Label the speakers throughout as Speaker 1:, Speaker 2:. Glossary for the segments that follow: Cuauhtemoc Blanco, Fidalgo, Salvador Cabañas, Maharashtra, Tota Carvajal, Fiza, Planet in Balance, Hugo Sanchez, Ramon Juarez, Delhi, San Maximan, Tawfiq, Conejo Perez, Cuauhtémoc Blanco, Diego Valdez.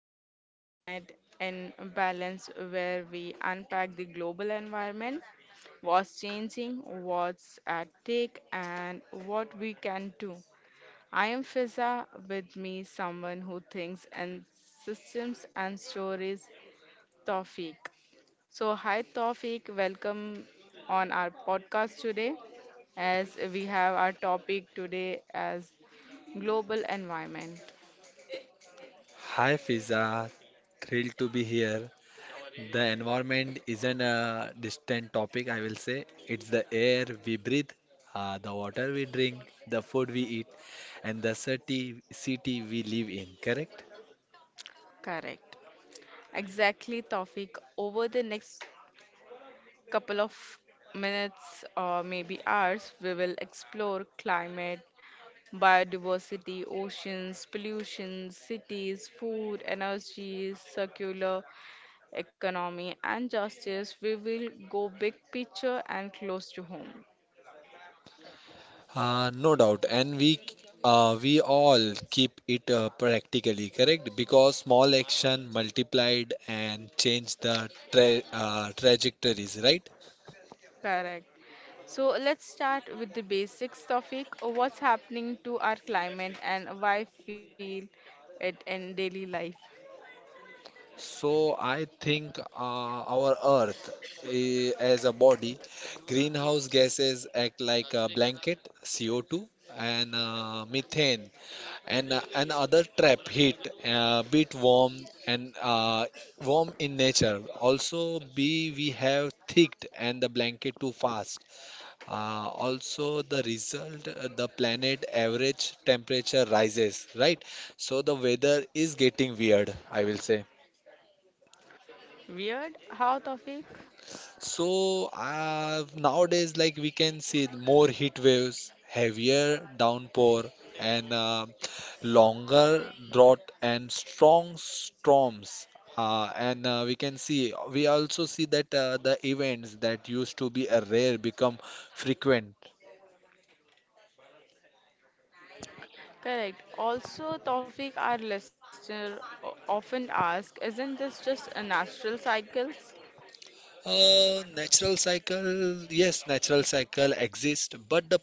Speaker 1: welcome to Planet in Balance, where we unpack the global environment, what's changing, what's at stake, and what we can do. I am Fiza, with me, someone who thinks in systems and stories, Tawfiq. So, hi, Tawfiq, welcome on our podcast today, as we have our topic today as global environment.
Speaker 2: Hi Fiza, thrilled to be here. The environment isn't a distant topic, I will say. It's the air we breathe, the water we drink, the food we eat, and the city we live in, correct?
Speaker 1: Correct. Exactly, Tawfiq. Over the next couple of minutes or maybe hours, we will explore climate, biodiversity, oceans, pollution, cities, food, energy, circular economy, and justice. We will go big picture and close to home.
Speaker 2: No doubt, and we all keep it practically correct because small action multiplied and change the trajectories, right?
Speaker 1: Correct. So let's start with the basics, Tawfiq. What's happening to our climate and why feel it in daily life?
Speaker 2: So I think our Earth as a body, greenhouse gases act like a blanket. CO2 and methane and other trap heat, bit warm and warm in nature. Also, B we have thicked and the blanket too fast. Also, the result, the planet average temperature rises, right? So the weather is getting weird, I will say.
Speaker 1: Weird? How, Tawfiq?
Speaker 2: So nowadays, like we can see more heat waves, heavier downpour, and longer drought and strong storms. And we can see we also see that the events that used to be rare become frequent.
Speaker 1: Correct. Also, Tawfiq, our listener, often asks, isn't this just a natural cycles?
Speaker 2: Natural cycle, yes, natural cycle exists, but the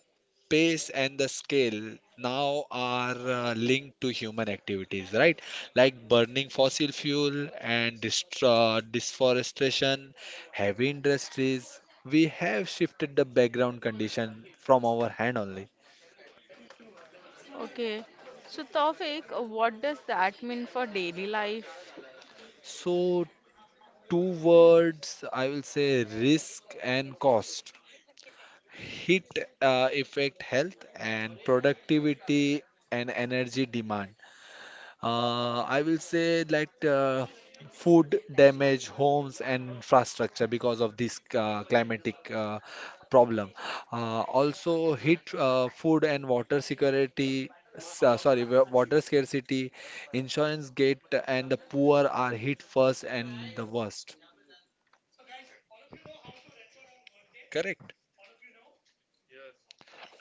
Speaker 2: pace and the scale now are linked to human activities, right? Like burning fossil fuel and deforestation, heavy industries. We have shifted the background condition from our hand only.
Speaker 1: Okay. So, Tawfiq, what does that mean for daily life?
Speaker 2: So, two words I will say, risk and cost. Heat affect health and productivity and energy demand. I will say like Food damage homes and infrastructure because of this climatic problem. Also heat food and water security, water scarcity, insurance gate, and the poor are hit first and the worst, correct.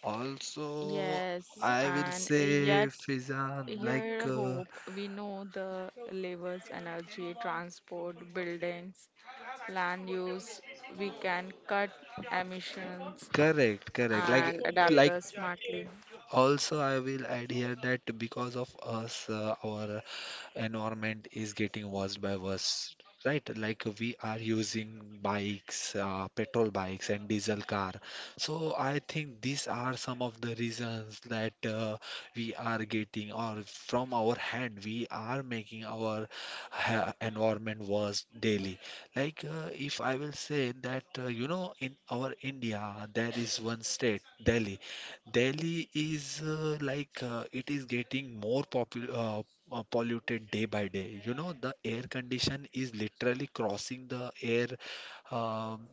Speaker 2: Also,
Speaker 1: Yes,
Speaker 2: I will
Speaker 1: and
Speaker 2: say,
Speaker 1: yet
Speaker 2: Fizan,
Speaker 1: here hope we know the levers, energy, transport, buildings, land use, we can cut emissions
Speaker 2: correct, correct.
Speaker 1: and adapt
Speaker 2: Like.
Speaker 1: us smartly.
Speaker 2: Also, I will add here that because of us, our environment is getting worse by worse, right? Like we are using bikes, petrol bikes and diesel car. So I think these are some of the reasons that we are getting or from our hand we are making our ha environment worse daily. If I will say that you know, in our India there is one state, Delhi. Delhi is it is getting more popular, polluted day by day. You know, the air condition is literally crossing the air. Um,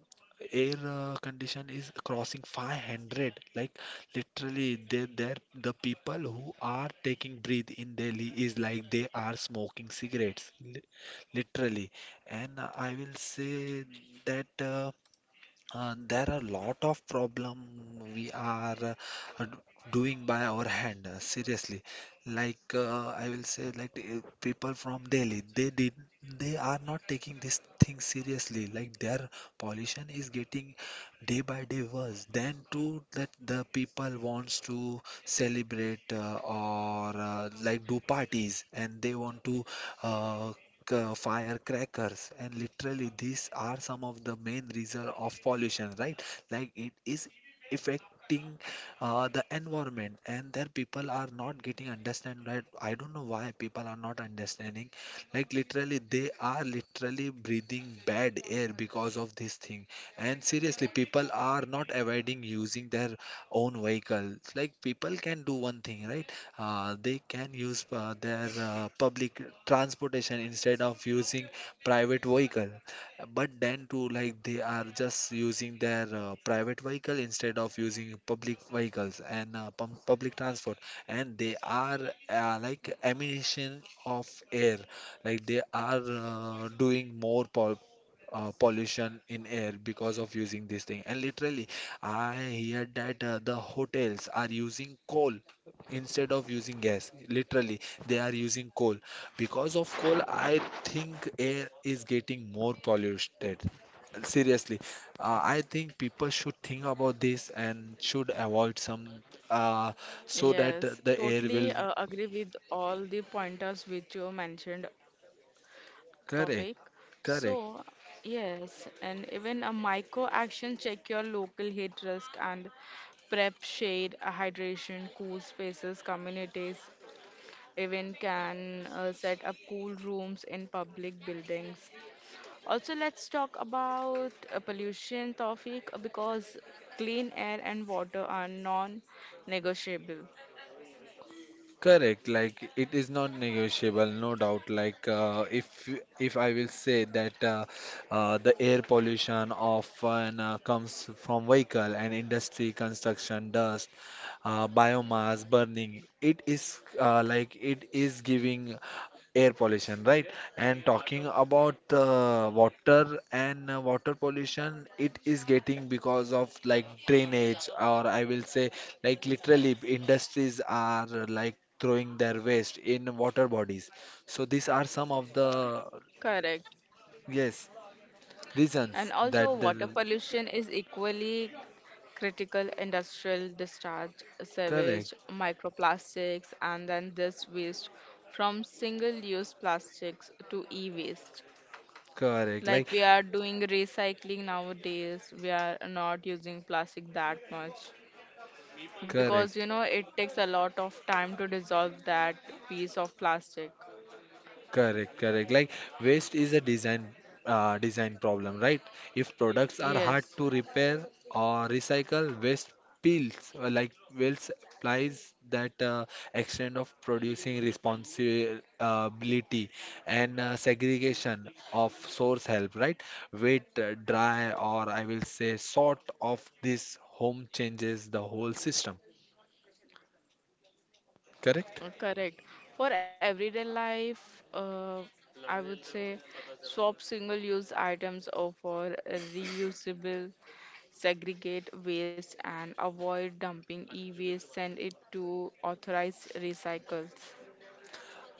Speaker 2: air condition is crossing 500. Like literally, they there the people who are taking breath in Delhi is like they are smoking cigarettes, literally. And I will say that. There are lot of problem we are uh, doing by our hand, seriously. I will say, people from Delhi, they are not taking this thing seriously. Like their pollution is getting day by day worse. Then too that the people wants to celebrate or like do parties, and they want to uh, firecrackers, and literally these are some of the main reason of pollution, right? Like it is affecting the environment, and there people are not getting understand, right? I don't know why people are not understanding. Like literally, they are literally breathing bad air because of this thing. And seriously, people are not avoiding using their own vehicles. Like people can do one thing, right? They can use their public transportation instead of using private vehicle. But then too, like they are just using their private vehicle instead of using public vehicles and public transport. And they are like emission of air. Like they are doing more pollution in air because of using this thing. And literally, I hear that the hotels are using coal instead of using gas. Literally, they are using coal. Because of coal, I think air is getting more polluted. Seriously, I think people should think about this and should avoid some uh, so that
Speaker 1: Yes,
Speaker 2: the air
Speaker 1: totally
Speaker 2: will.
Speaker 1: agree with all the pointers which you mentioned,
Speaker 2: Correct,
Speaker 1: Tawfiq.
Speaker 2: correct.
Speaker 1: So, yes, and even a micro action check your local heat risk and prep shade, hydration, cool spaces, communities, even can set up cool rooms in public buildings. Also, let's talk about pollution, Tawfiq, because clean air and water are non-negotiable.
Speaker 2: Correct, like it is not negotiable, no doubt. If if I will say that the air pollution often comes from vehicle and industry, construction, dust, biomass burning. It is like it is giving air pollution, right? And talking about the water and water pollution, it is getting because of like drainage, or I will say, like literally, industries are like throwing their waste in water bodies. So these are some of the,
Speaker 1: Correct.
Speaker 2: yes,
Speaker 1: And also,
Speaker 2: reasons
Speaker 1: water
Speaker 2: that the,
Speaker 1: pollution is equally critical industrial discharge, sewage,
Speaker 2: correct,
Speaker 1: microplastics, and then this waste from single use plastics to e waste.
Speaker 2: correct, like,
Speaker 1: Like we are doing recycling nowadays, we are not using plastic that much because
Speaker 2: correct.
Speaker 1: you know it takes a lot of time to dissolve that piece of plastic.
Speaker 2: Correct, correct. Like waste is a design problem, right? If products are hard
Speaker 1: Yes,
Speaker 2: to repair or recycle, waste pills like waste applies that extent of producing responsibility and segregation of source help, right? Wet, dry, or I will say sort of this home changes the whole system. Correct?
Speaker 1: Correct. For everyday life, I would say swap single-use items or for reusable, segregate waste and avoid dumping e-waste, send it to authorized recycles.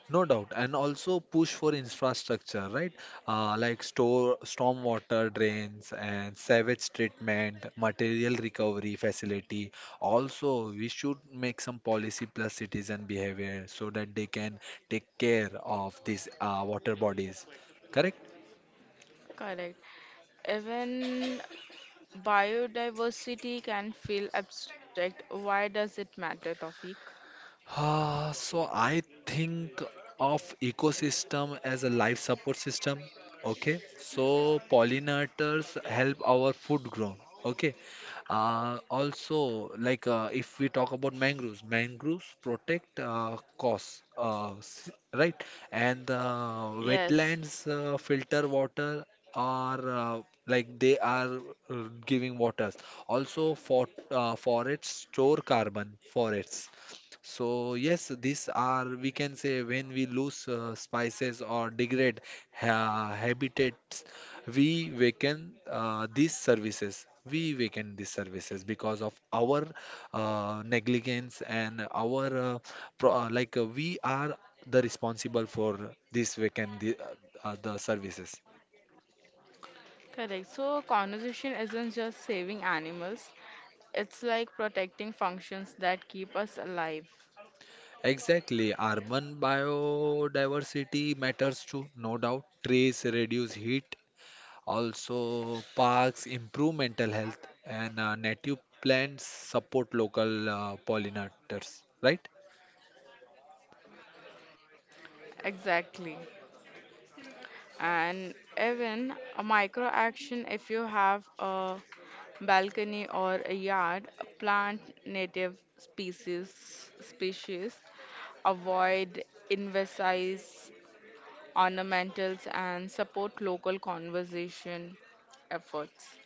Speaker 2: No doubt, and also push for infrastructure, right? Like store stormwater drains and sewage treatment, material recovery facility. Also, we should make some policy plus citizen behavior so that they can take care of these water bodies. Correct?
Speaker 1: Correct. Even biodiversity can feel abstract. Why does it matter, Tawfiq?
Speaker 2: Ah, so I think of ecosystem as a life support system. Okay, so pollinators help our food grow. Okay, also if we talk about mangroves, mangroves protect costs, right? And
Speaker 1: Yes.
Speaker 2: wetlands filter water, are like they are giving waters. Also, for forests store carbon. Forests, so yes, these are, we can say, when we lose spices or degrade ha habitats, we weaken these services. We weaken these services because of our negligence and our pro like we are the responsible for this weaken the services.
Speaker 1: Correct. So conservation isn't just saving animals, it's like protecting functions that keep us alive.
Speaker 2: Exactly, urban biodiversity matters too, no doubt. Trees reduce heat. Also, parks improve mental health and native plants support local pollinators, right?
Speaker 1: Exactly. And even a micro action, if you have a balcony or a yard, plant native species, avoid invasive ornamentals and support local conservation efforts.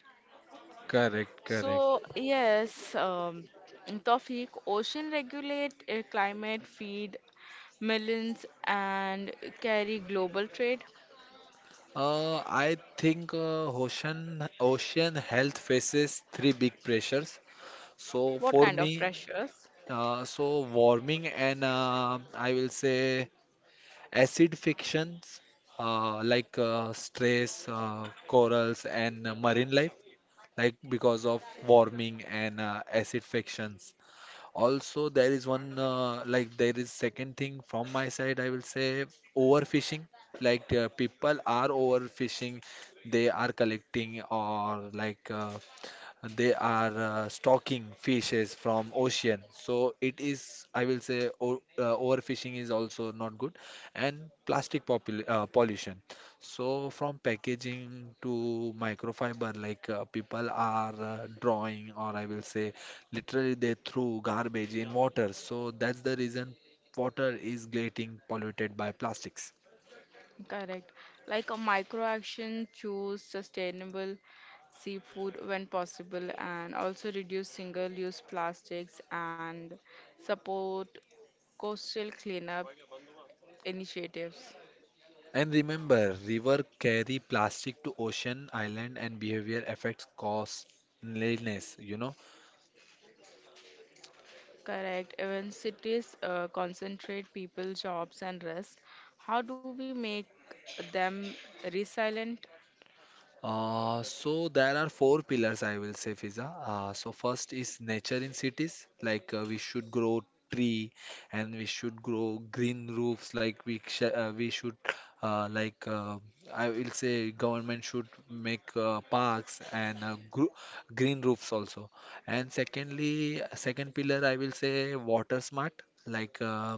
Speaker 2: Correct, correct.
Speaker 1: So, yes, Tawfiq, ocean regulate climate, feed millions, and carry global trade.
Speaker 2: I think ocean health faces three big pressures. So
Speaker 1: What
Speaker 2: for
Speaker 1: kind
Speaker 2: me,
Speaker 1: of pressures?
Speaker 2: so warming and I will say acidifications stress, corals and marine life, like because of warming and acidifications. Also, there is one like there is second thing from my side. I will say overfishing. People are overfishing. They are collecting or they are stocking fishes from ocean. So it is. I will say o overfishing is also not good. And plastic popul pollution. So from packaging to microfiber, people are drawing, or I will say, literally, they threw garbage in water. So that's the reason water is getting polluted by plastics.
Speaker 1: Correct. Like a micro action, choose sustainable seafood when possible, and also reduce single-use plastics and support coastal cleanup initiatives.
Speaker 2: And remember, river carry plastic to ocean, island, and behavior affects costliness, you know.
Speaker 1: Correct. Even cities concentrate people, jobs, and rest. How do we make them resilient?
Speaker 2: So there are four pillars I will say, Fiza. So first is nature in cities, we should grow tree and we should grow green roofs. Like we should uh, like uh, I will say government should make parks and gr green roofs also. And secondly, second pillar I will say water smart, like uh,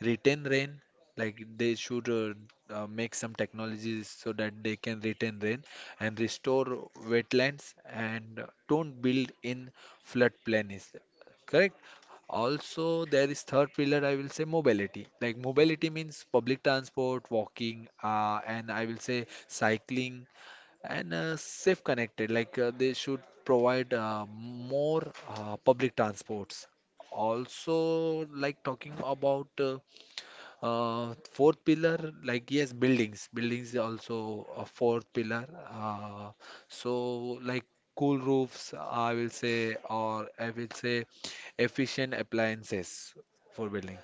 Speaker 2: retain rain. Like they should make some technologies so that they can retain rain and restore wetlands, and don't build in floodplain is correct. Also there is third pillar I will say mobility. Like mobility means public transport, walking, and I will say cycling and safe connected. They should provide more public transports. Also, like talking about fourth pillar, like yes, buildings. Buildings is also a fourth pillar. Uh, so like cool roofs, I will say, or I will say efficient appliances for building.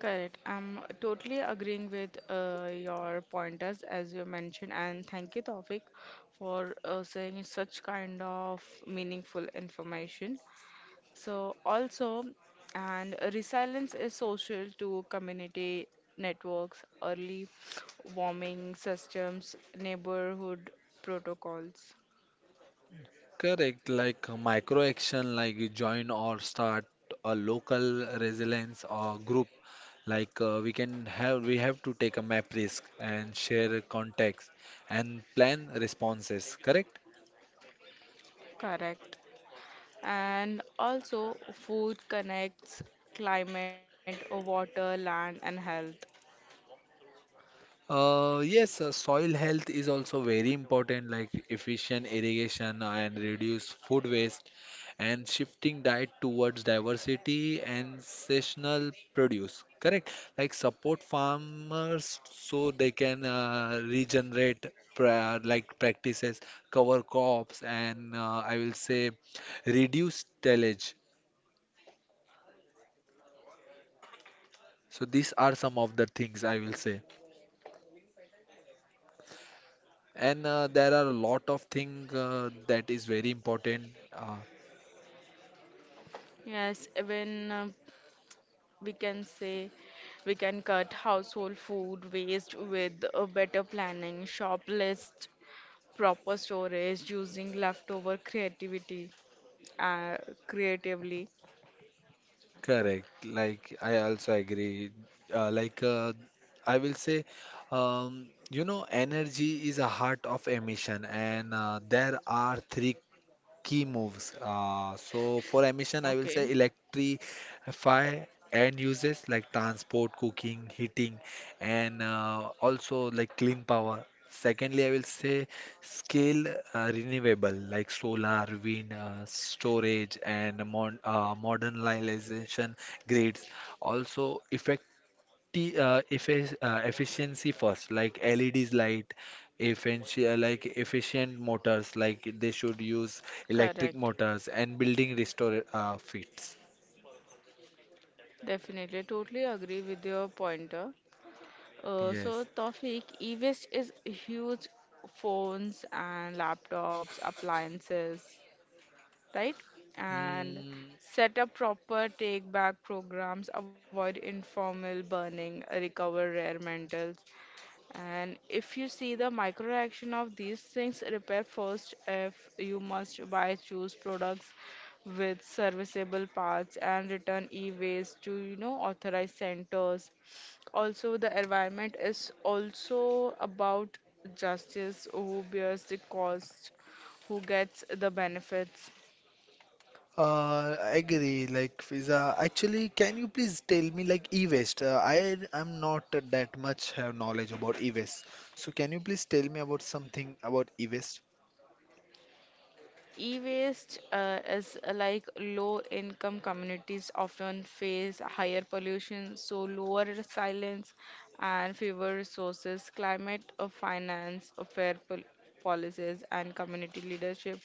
Speaker 1: Correct. I'm totally agreeing with your pointers as you mentioned, and thank you, Tawfiq, for saying such kind of meaningful information. So also, and resilience is social to community networks, early warming systems, neighborhood protocols.
Speaker 2: Correct, micro action, like you join or start a local resilience or group. We can have, we have to take a map risk and share contacts and plan responses. Correct?
Speaker 1: Correct. And also, food connects climate, water, land, and health.
Speaker 2: Yes, soil health is also very important, like efficient irrigation and reduce food waste and shifting diet towards diversity and seasonal produce. Correct? Like support farmers so they can regenerate practices, cover crops, and I will say reduce tillage. So these are some of the things I will say. And There are a lot of things that is very important. uh,
Speaker 1: Yes, even we can say we can cut household food waste with a better planning, shop list, proper storage, using leftover creativity. uh, creatively.
Speaker 2: Correct, like I also agree. uh, like uh, I will say, you know, energy is a heart of emission, and there are three key moves. So for emission, I will
Speaker 1: Okay,
Speaker 2: say electrify and uses like transport, cooking, heating, and also like clean power. Secondly, I will say scale renewable like solar, wind, storage, and mon modernization grids. Also, effect t effic efficiency first, like LEDs light efficient, like efficient motors. Like they should use electric
Speaker 1: correct.
Speaker 2: motors and building restore fits.
Speaker 1: Definitely, totally agree with your pointer. So,
Speaker 2: Yes.
Speaker 1: Tawfiq, e-waste is huge phones and laptops, appliances, right? And
Speaker 2: Mm,
Speaker 1: set up proper take back programs, avoid informal burning, recover rare metals. And if you see the micro action of these things, repair first if you must buy, choose products with serviceable parts and return e-waste to, you know, authorized centers. Also, the environment is also about justice, who bears the cost, who gets the benefits.
Speaker 2: I agree. Like, Fiza, actually, can you please tell me, like, e-waste? I am not that much have knowledge about e-waste. So, can you please tell me about something about e-waste?
Speaker 1: E-waste is like low-income communities often face higher pollution, so lower silence and fewer resources. Climate finance, fair policies, and community leadership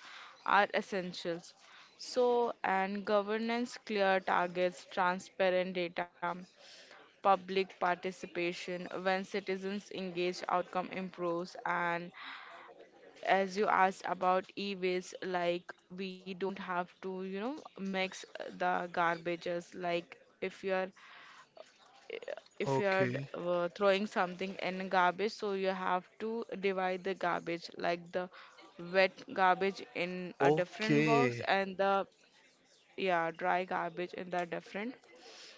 Speaker 1: are essentials. So, and governance, clear targets, transparent data, public participation. When citizens engage, outcome improves, and as you asked about e-waste, like we don't have to, you know, mix the garbages. Like if you're
Speaker 2: Okay.
Speaker 1: throwing something in garbage, so you have to divide the garbage, like the wet garbage in a different box
Speaker 2: Okay.
Speaker 1: and the yeah dry garbage in the different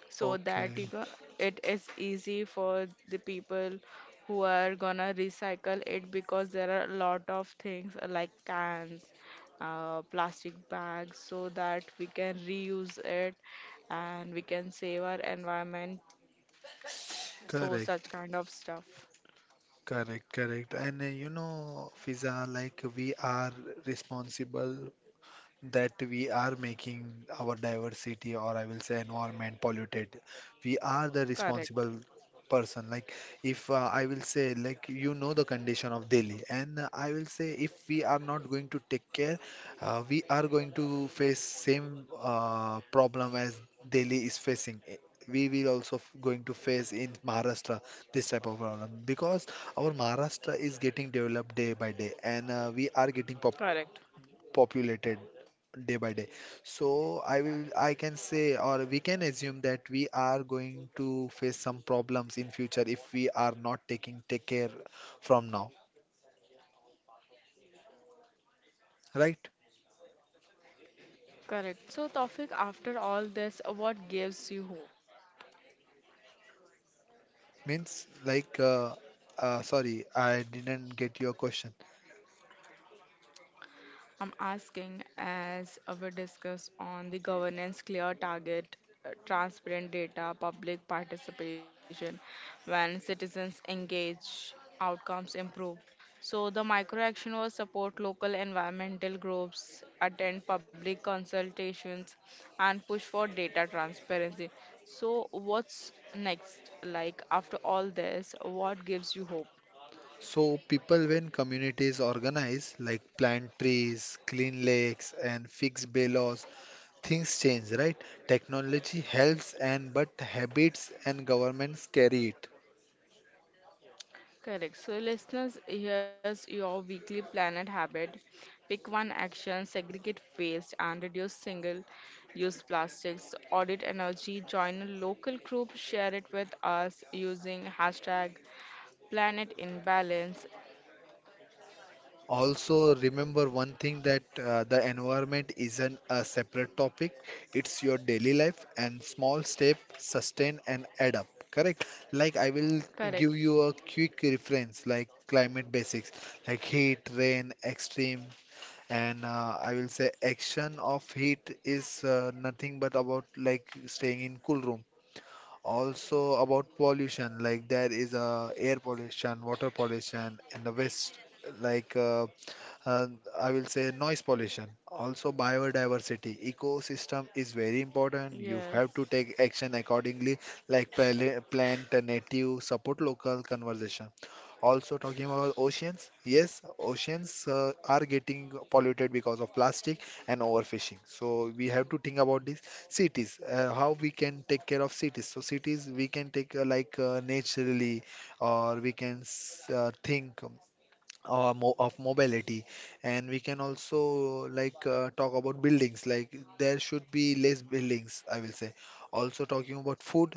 Speaker 1: so that
Speaker 2: Okay.
Speaker 1: you go, it is easy for the people who are gonna recycle it because there are a lot of things like cans, plastic bags, so that we can reuse it and we can save our environment. So such
Speaker 2: Correct.
Speaker 1: kind of stuff.
Speaker 2: Correct, correct. And you know, Fiza, like we are responsible, that we are making our diversity, or I will say environment, polluted. We are the
Speaker 1: Correct.
Speaker 2: responsible person. Like if I will say, like you know, the condition of Delhi, and I will say if we are not going to take care, we are going to face same problem as Delhi is facing. We will also going to face in Maharashtra this type of problem because our Maharashtra is getting developed day by day, and we are getting
Speaker 1: Correct.
Speaker 2: populated day by day. So I can say, or we can assume that we are going to face some problems in future if we are not taking take care from now, right?
Speaker 1: Correct. So, Tawfiq, after all this, what gives you hope?
Speaker 2: Means like, sorry, I didn't get your question.
Speaker 1: I'm asking as we discuss on the governance, clear target, transparent data, public participation. When citizens engage, outcomes improve. So the micro action was support local environmental groups, attend public consultations, and push for data transparency. So what's next? Like after all this, what gives you hope?
Speaker 2: So people, when communities organize, like plant trees, clean lakes, and fix bylaws, things change, right? Technology helps, and but habits and governments carry it.
Speaker 1: Correct. So, listeners, here's your weekly planet habit. Pick one action, segregate waste, and reduce single use plastics. Audit energy, join a local group, share it with us using hashtag planet in balance.
Speaker 2: Also, remember one thing, that the environment isn't a separate topic, it's your daily life, and small step sustain and add up. Correct? Like, I will
Speaker 1: Correct.
Speaker 2: give you a quick reference, like climate basics, like heat, rain, extreme, and I will say action of heat is nothing but about like staying in cool room. Also about pollution, like there is a air pollution, water pollution in the west, like uh, uh, I will say noise pollution. Also biodiversity, ecosystem is very important.
Speaker 1: Yes.
Speaker 2: You have to take action accordingly, like plant a native, support local conservation. Also talking about oceans, yes, oceans are getting polluted because of plastic and overfishing. So we have to think about this. Cities, how we can take care of cities, so cities we can take naturally, or we can think, mo of mobility, and we can also like talk about buildings, like there should be less buildings, I will say. Also talking about food,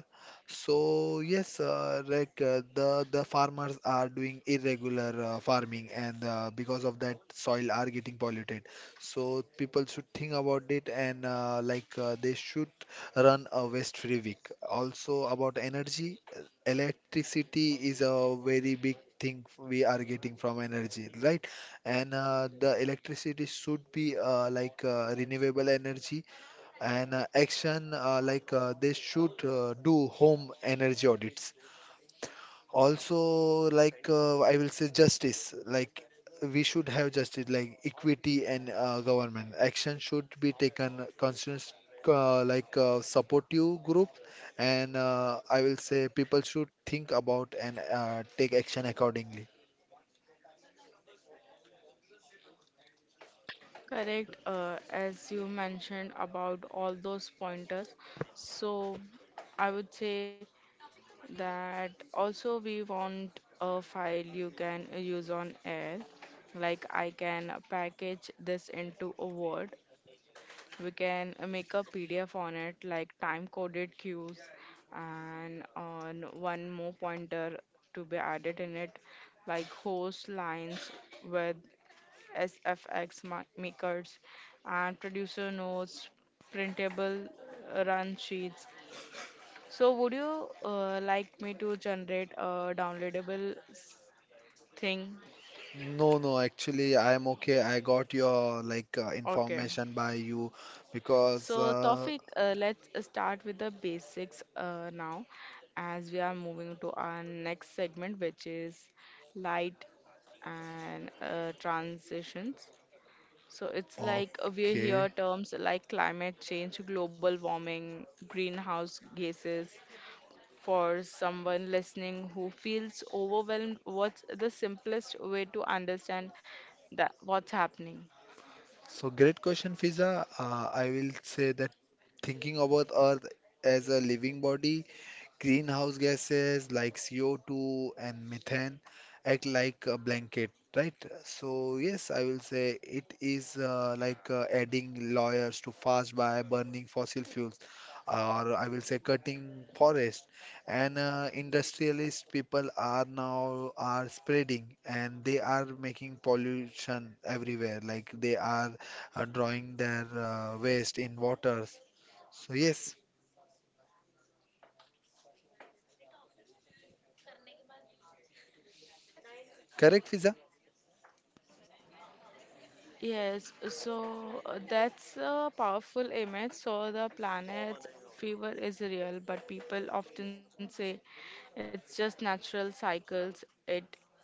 Speaker 2: so yes, the farmers are doing irregular farming, and because of that soil are getting polluted. So people should think about it, and they should run a waste free week. Also about energy, electricity is a very big thing we are getting from energy, right? And the electricity should be renewable energy, and action, they should do home energy audits. Also like I will say justice. Like we should have justice, like equity, and government action should be taken constant. Supportive group, and I will say people should think about, and take action accordingly.
Speaker 1: Correct. As you mentioned about all those pointers. So, I would say that also we want a file you can use on air, like I can package this into a word, we can make a PDF on it, like time coded cues and on one more pointer to be added in it, like host lines with SFX makers and producer notes, printable run sheets. So would you like me to generate a downloadable thing?
Speaker 2: No, no, actually, I am okay. I got your like
Speaker 1: Okay.
Speaker 2: information by you because
Speaker 1: So Tawfiq, let's start with the basics now as we are moving to our next segment, which is light and transitions. So it's like we hear
Speaker 2: okay.
Speaker 1: terms like climate change, global warming, greenhouse gases. For someone listening who feels overwhelmed, what's the simplest way to understand that what's happening?
Speaker 2: So great question, Fiza. I will say that thinking about Earth as a living body, greenhouse gases like CO2 and methane act like a blanket, right? So yes, I will say it is adding layers to fast by burning fossil fuels, or I will say cutting forest. And industrialist people are now are spreading, and they are making pollution everywhere. Like they are drawing their waste in waters. So yes, correct, Fiza?
Speaker 1: Yes, so that's a powerful image. So the planet's fever is real, but people often say it's just natural cycles. It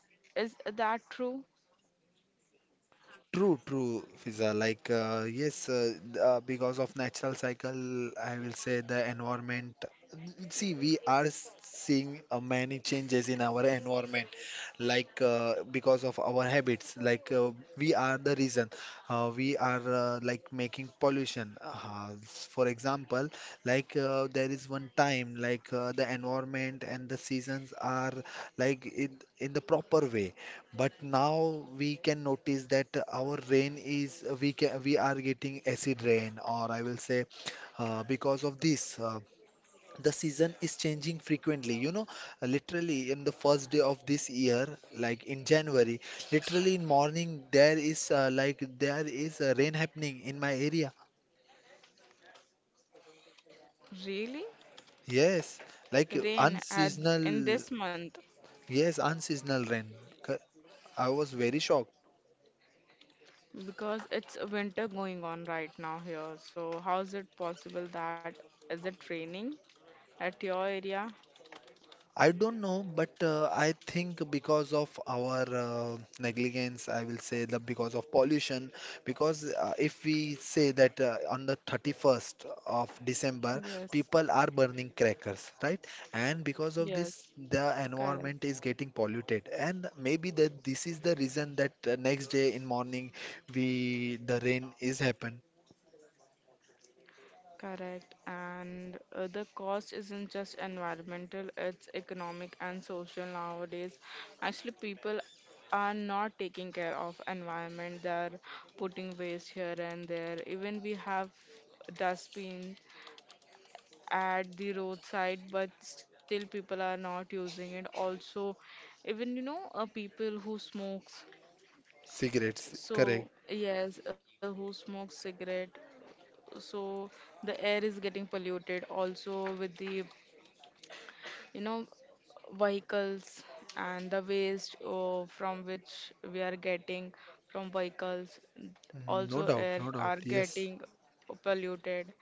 Speaker 1: is that true?
Speaker 2: True, true, Fiza. Like, because of natural cycle, I will say the environment. See, we are seeing many changes in our environment, like because of our habits. Like, we are the reason. We are making pollution. For example, like there is one time, like the environment and the seasons are like in the proper way, but now we can notice that our rain is, we can, we are getting acid rain, or I will say, because of this, the season is changing frequently. You know, literally in the first day of this year, like in January, literally in morning there is there is rain happening in my area.
Speaker 1: Really?
Speaker 2: Yes, like
Speaker 1: Rain at in
Speaker 2: unseasonal.
Speaker 1: this month?
Speaker 2: Yes, unseasonal rain. Co- I was very shocked.
Speaker 1: Because it's winter going on right now here. So how is it possible that is it raining at your area?
Speaker 2: I don't know, but I think because of our negligence, I will say that because of pollution, because if we say that on the 31st of December,
Speaker 1: Yes,
Speaker 2: people are burning crackers, right? And because of this,
Speaker 1: yes,
Speaker 2: the environment
Speaker 1: correct,
Speaker 2: is getting polluted, and maybe that this is the reason that next day in morning, we the rain is happen.
Speaker 1: correct. And the cost isn't just environmental, it's economic and social nowadays. Actually, people are not taking care of environment. They're putting waste here and there. Even we have dustbin at the roadside but still people are not using it also. Even, you know, people who smokes,
Speaker 2: Cigarettes,
Speaker 1: so
Speaker 2: correct?
Speaker 1: yes, who smokes cigarette, so the air is getting polluted also with the, you know, vehicles and the waste from which we are getting from vehicles.
Speaker 2: Mhm. No
Speaker 1: Also
Speaker 2: doubt,
Speaker 1: air
Speaker 2: no doubt.
Speaker 1: are
Speaker 2: Yes.
Speaker 1: getting polluted.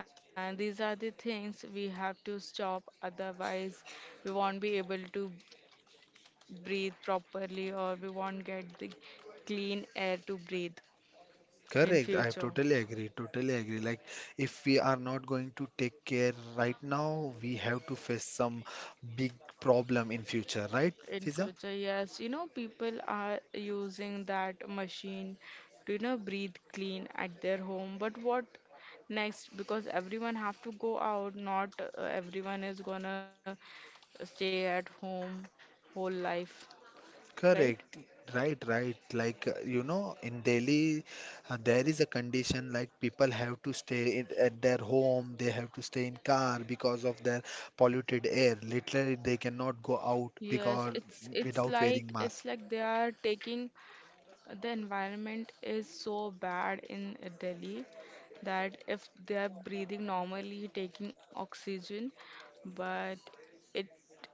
Speaker 1: And these are the things we have to stop, otherwise, we won't be able to breathe properly or we won't get the clean air to breathe in
Speaker 2: Correct. I
Speaker 1: future.
Speaker 2: totally agree. Totally agree. Like, if we are not going to take care right now, we have to face some big problem in future, right,
Speaker 1: In
Speaker 2: Fiza?
Speaker 1: future, yes, you know, people are using that machine to, you know, breathe clean at their home. But what next? Because everyone have to go out, not everyone is gonna stay at home whole life, right?
Speaker 2: Correct. Right, right. Like, you know, in Delhi, there is a condition like people have to stay in, at their home, they have to stay in car because of their polluted air. Literally, they cannot go out
Speaker 1: Yes,
Speaker 2: because
Speaker 1: it's
Speaker 2: without
Speaker 1: like
Speaker 2: wearing
Speaker 1: it's like
Speaker 2: mask.
Speaker 1: they are taking the environment is so bad in Delhi that if they are breathing normally, taking oxygen, but it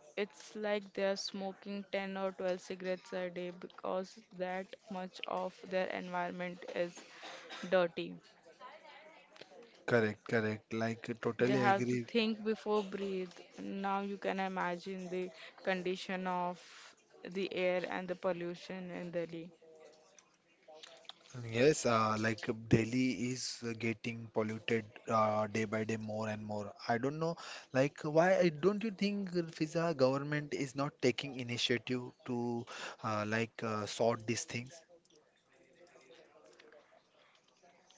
Speaker 1: it's like they are smoking 10 or 12 cigarettes a day because that much of their environment is dirty.
Speaker 2: Correct, correct. Like,
Speaker 1: They
Speaker 2: totally
Speaker 1: have to
Speaker 2: agree.
Speaker 1: think before breathe. Now you can imagine the condition of the air and the pollution in Delhi.
Speaker 2: Yes, Delhi is getting polluted day by day more and more. I don't know, like why don't you think FISA government is not taking initiative to sort these things?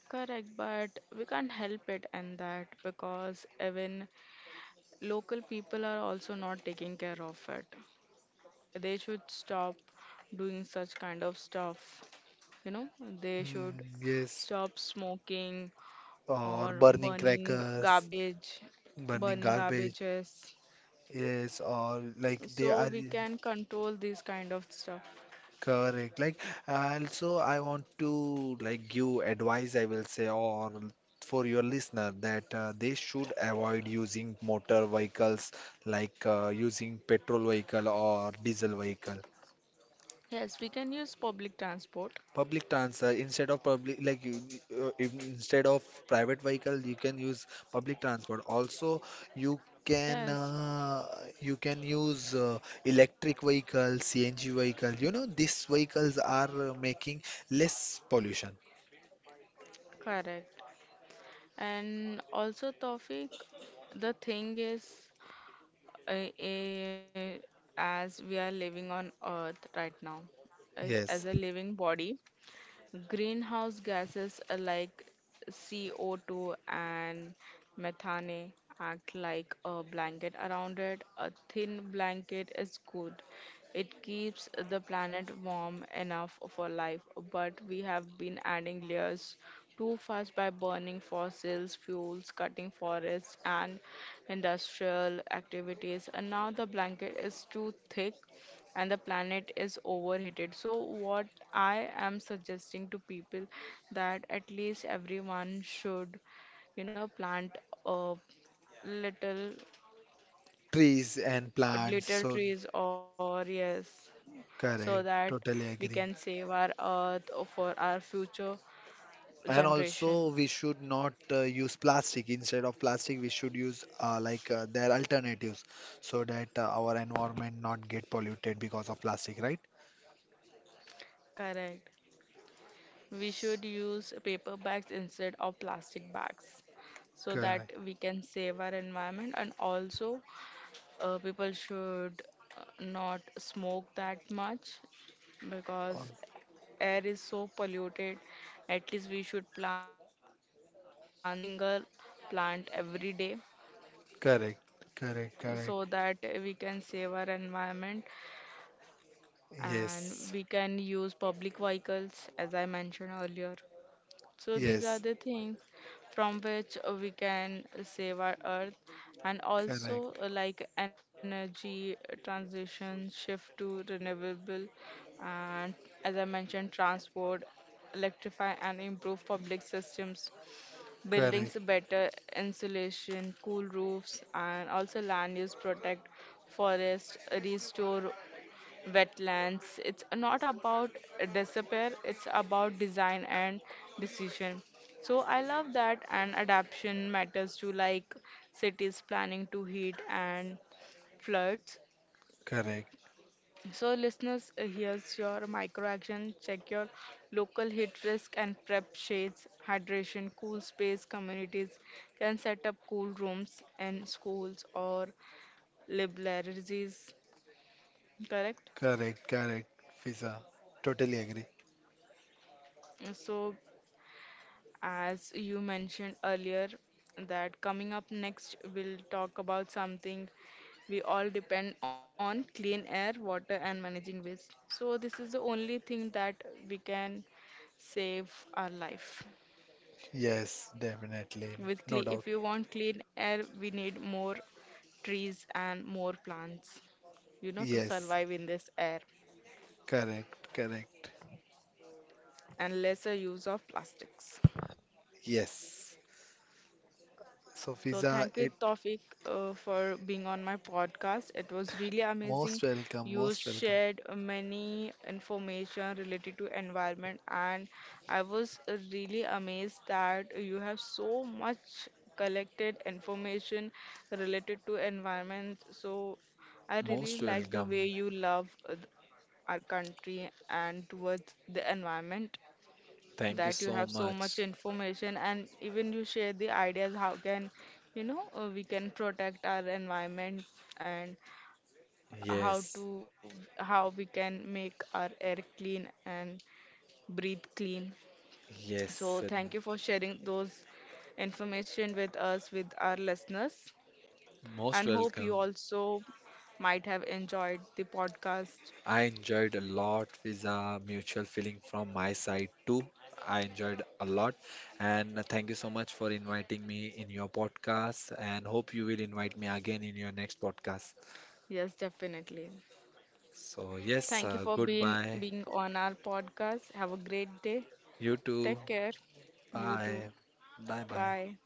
Speaker 1: Correct, but we can't help it and that because even local people are also not taking care of it. They should stop doing such kind of stuff. You know, they should
Speaker 2: Mm, yes,
Speaker 1: stop smoking
Speaker 2: or
Speaker 1: or
Speaker 2: burning
Speaker 1: burning
Speaker 2: crackers,
Speaker 1: garbage,
Speaker 2: burning
Speaker 1: burning
Speaker 2: garbage.
Speaker 1: garbages.
Speaker 2: Yes, or like they
Speaker 1: So
Speaker 2: are.
Speaker 1: we can control this kind of stuff.
Speaker 2: Correct. Like, also, I want to like give advice, I will say, or for your listener that they should avoid using motor vehicles like using petrol vehicle or diesel vehicle.
Speaker 1: Yes, we can use public transport.
Speaker 2: Public transport instead of public like you, instead of private vehicle you can use public transport. Also you can
Speaker 1: Yes,
Speaker 2: uh, you can use electric vehicle, CNG vehicle. You know these vehicles are making less pollution.
Speaker 1: correct. And also, Tawfiq, the thing is, uh, uh, as we are living on Earth right now, right, as a
Speaker 2: Yes,
Speaker 1: living body, greenhouse gases like CO2 and methane act like a blanket around it. A thin blanket is good. It keeps the planet warm enough for life, but we have been adding layers too fast by burning fossils, fuels, cutting forests, and industrial activities. And now the blanket is too thick and the planet is overheated. So what I am suggesting to people, that at least everyone should, you know, plant a little
Speaker 2: trees and plants.
Speaker 1: little
Speaker 2: So
Speaker 1: trees or yes, so
Speaker 2: correct,
Speaker 1: that
Speaker 2: totally
Speaker 1: we
Speaker 2: agree.
Speaker 1: can save our earth for our future
Speaker 2: And also,
Speaker 1: generation.
Speaker 2: we should not use plastic. Instead of plastic, we should use their alternatives, so that our environment not get polluted because of plastic, right?
Speaker 1: Correct, we should use paper bags instead of plastic bags, so that
Speaker 2: Correct.
Speaker 1: we can save our environment. And also people should not smoke that much
Speaker 2: Uh,
Speaker 1: because air is so polluted. At least we should plant a single plant every day
Speaker 2: correct. Correct. Correct.
Speaker 1: so that we can save our environment and
Speaker 2: Yes.
Speaker 1: we can use public vehicles as I mentioned earlier. So these are
Speaker 2: Yes.
Speaker 1: the things from which we can save our earth. And also
Speaker 2: Correct.
Speaker 1: like energy transition, shift to renewable and as I mentioned transport, electrify and improve public systems, buildings
Speaker 2: Correct.
Speaker 1: better insulation, cool roofs and also land use protect forest, restore wetlands. It's not about disappear, it's about design and decision. So I love that and adaptation matters to like cities planning to heat and floods.
Speaker 2: Correct.
Speaker 1: So listeners, here's your micro action. Check your local heat risk and prep shades, hydration, cool space communities can set up cool rooms in schools or libraries, correct?
Speaker 2: Correct. Correct, Fiza. Totally agree.
Speaker 1: So as you mentioned earlier, that coming up next, we'll talk about something we all depend on: clean air, water, and managing waste. So, this is the only thing that we can save our life.
Speaker 2: Yes, definitely.
Speaker 1: With
Speaker 2: No
Speaker 1: cle
Speaker 2: doubt.
Speaker 1: if you want clean air, we need more trees and more plants, you know, to
Speaker 2: Yes.
Speaker 1: survive in this air
Speaker 2: Correct. Correct.
Speaker 1: and lesser use of plastics.
Speaker 2: Yes. So,
Speaker 1: So
Speaker 2: Fiza,
Speaker 1: thank you,
Speaker 2: it
Speaker 1: Tawfiq, for being on my podcast. It was really amazing.
Speaker 2: most welcome.
Speaker 1: You
Speaker 2: Most welcome.
Speaker 1: shared many information related to environment, and I was really amazed that you have so much collected information related to environment. So I really
Speaker 2: Most
Speaker 1: like the way
Speaker 2: welcome.
Speaker 1: you love our country and towards the environment,
Speaker 2: Thank you
Speaker 1: that you
Speaker 2: so
Speaker 1: have so much
Speaker 2: much.
Speaker 1: information and even you share the ideas how can, you know, we can protect our environment and how
Speaker 2: Yes,
Speaker 1: to how we can make our air clean and breathe clean.
Speaker 2: yes,
Speaker 1: So
Speaker 2: and
Speaker 1: thank you for sharing those information with us with our listeners
Speaker 2: most
Speaker 1: and hope you
Speaker 2: welcome.
Speaker 1: also might have enjoyed the podcast.
Speaker 2: I enjoyed a lot with a mutual feeling from my side too. I enjoyed a lot, and thank you so much for inviting me in your podcast. And hope you will invite me again in your next podcast.
Speaker 1: Yes, definitely.
Speaker 2: So yes,
Speaker 1: Thank you for being
Speaker 2: goodbye.
Speaker 1: being on our podcast. Have a great day.
Speaker 2: You too.
Speaker 1: Take care. You too.
Speaker 2: Bye. Bye bye.
Speaker 1: Bye.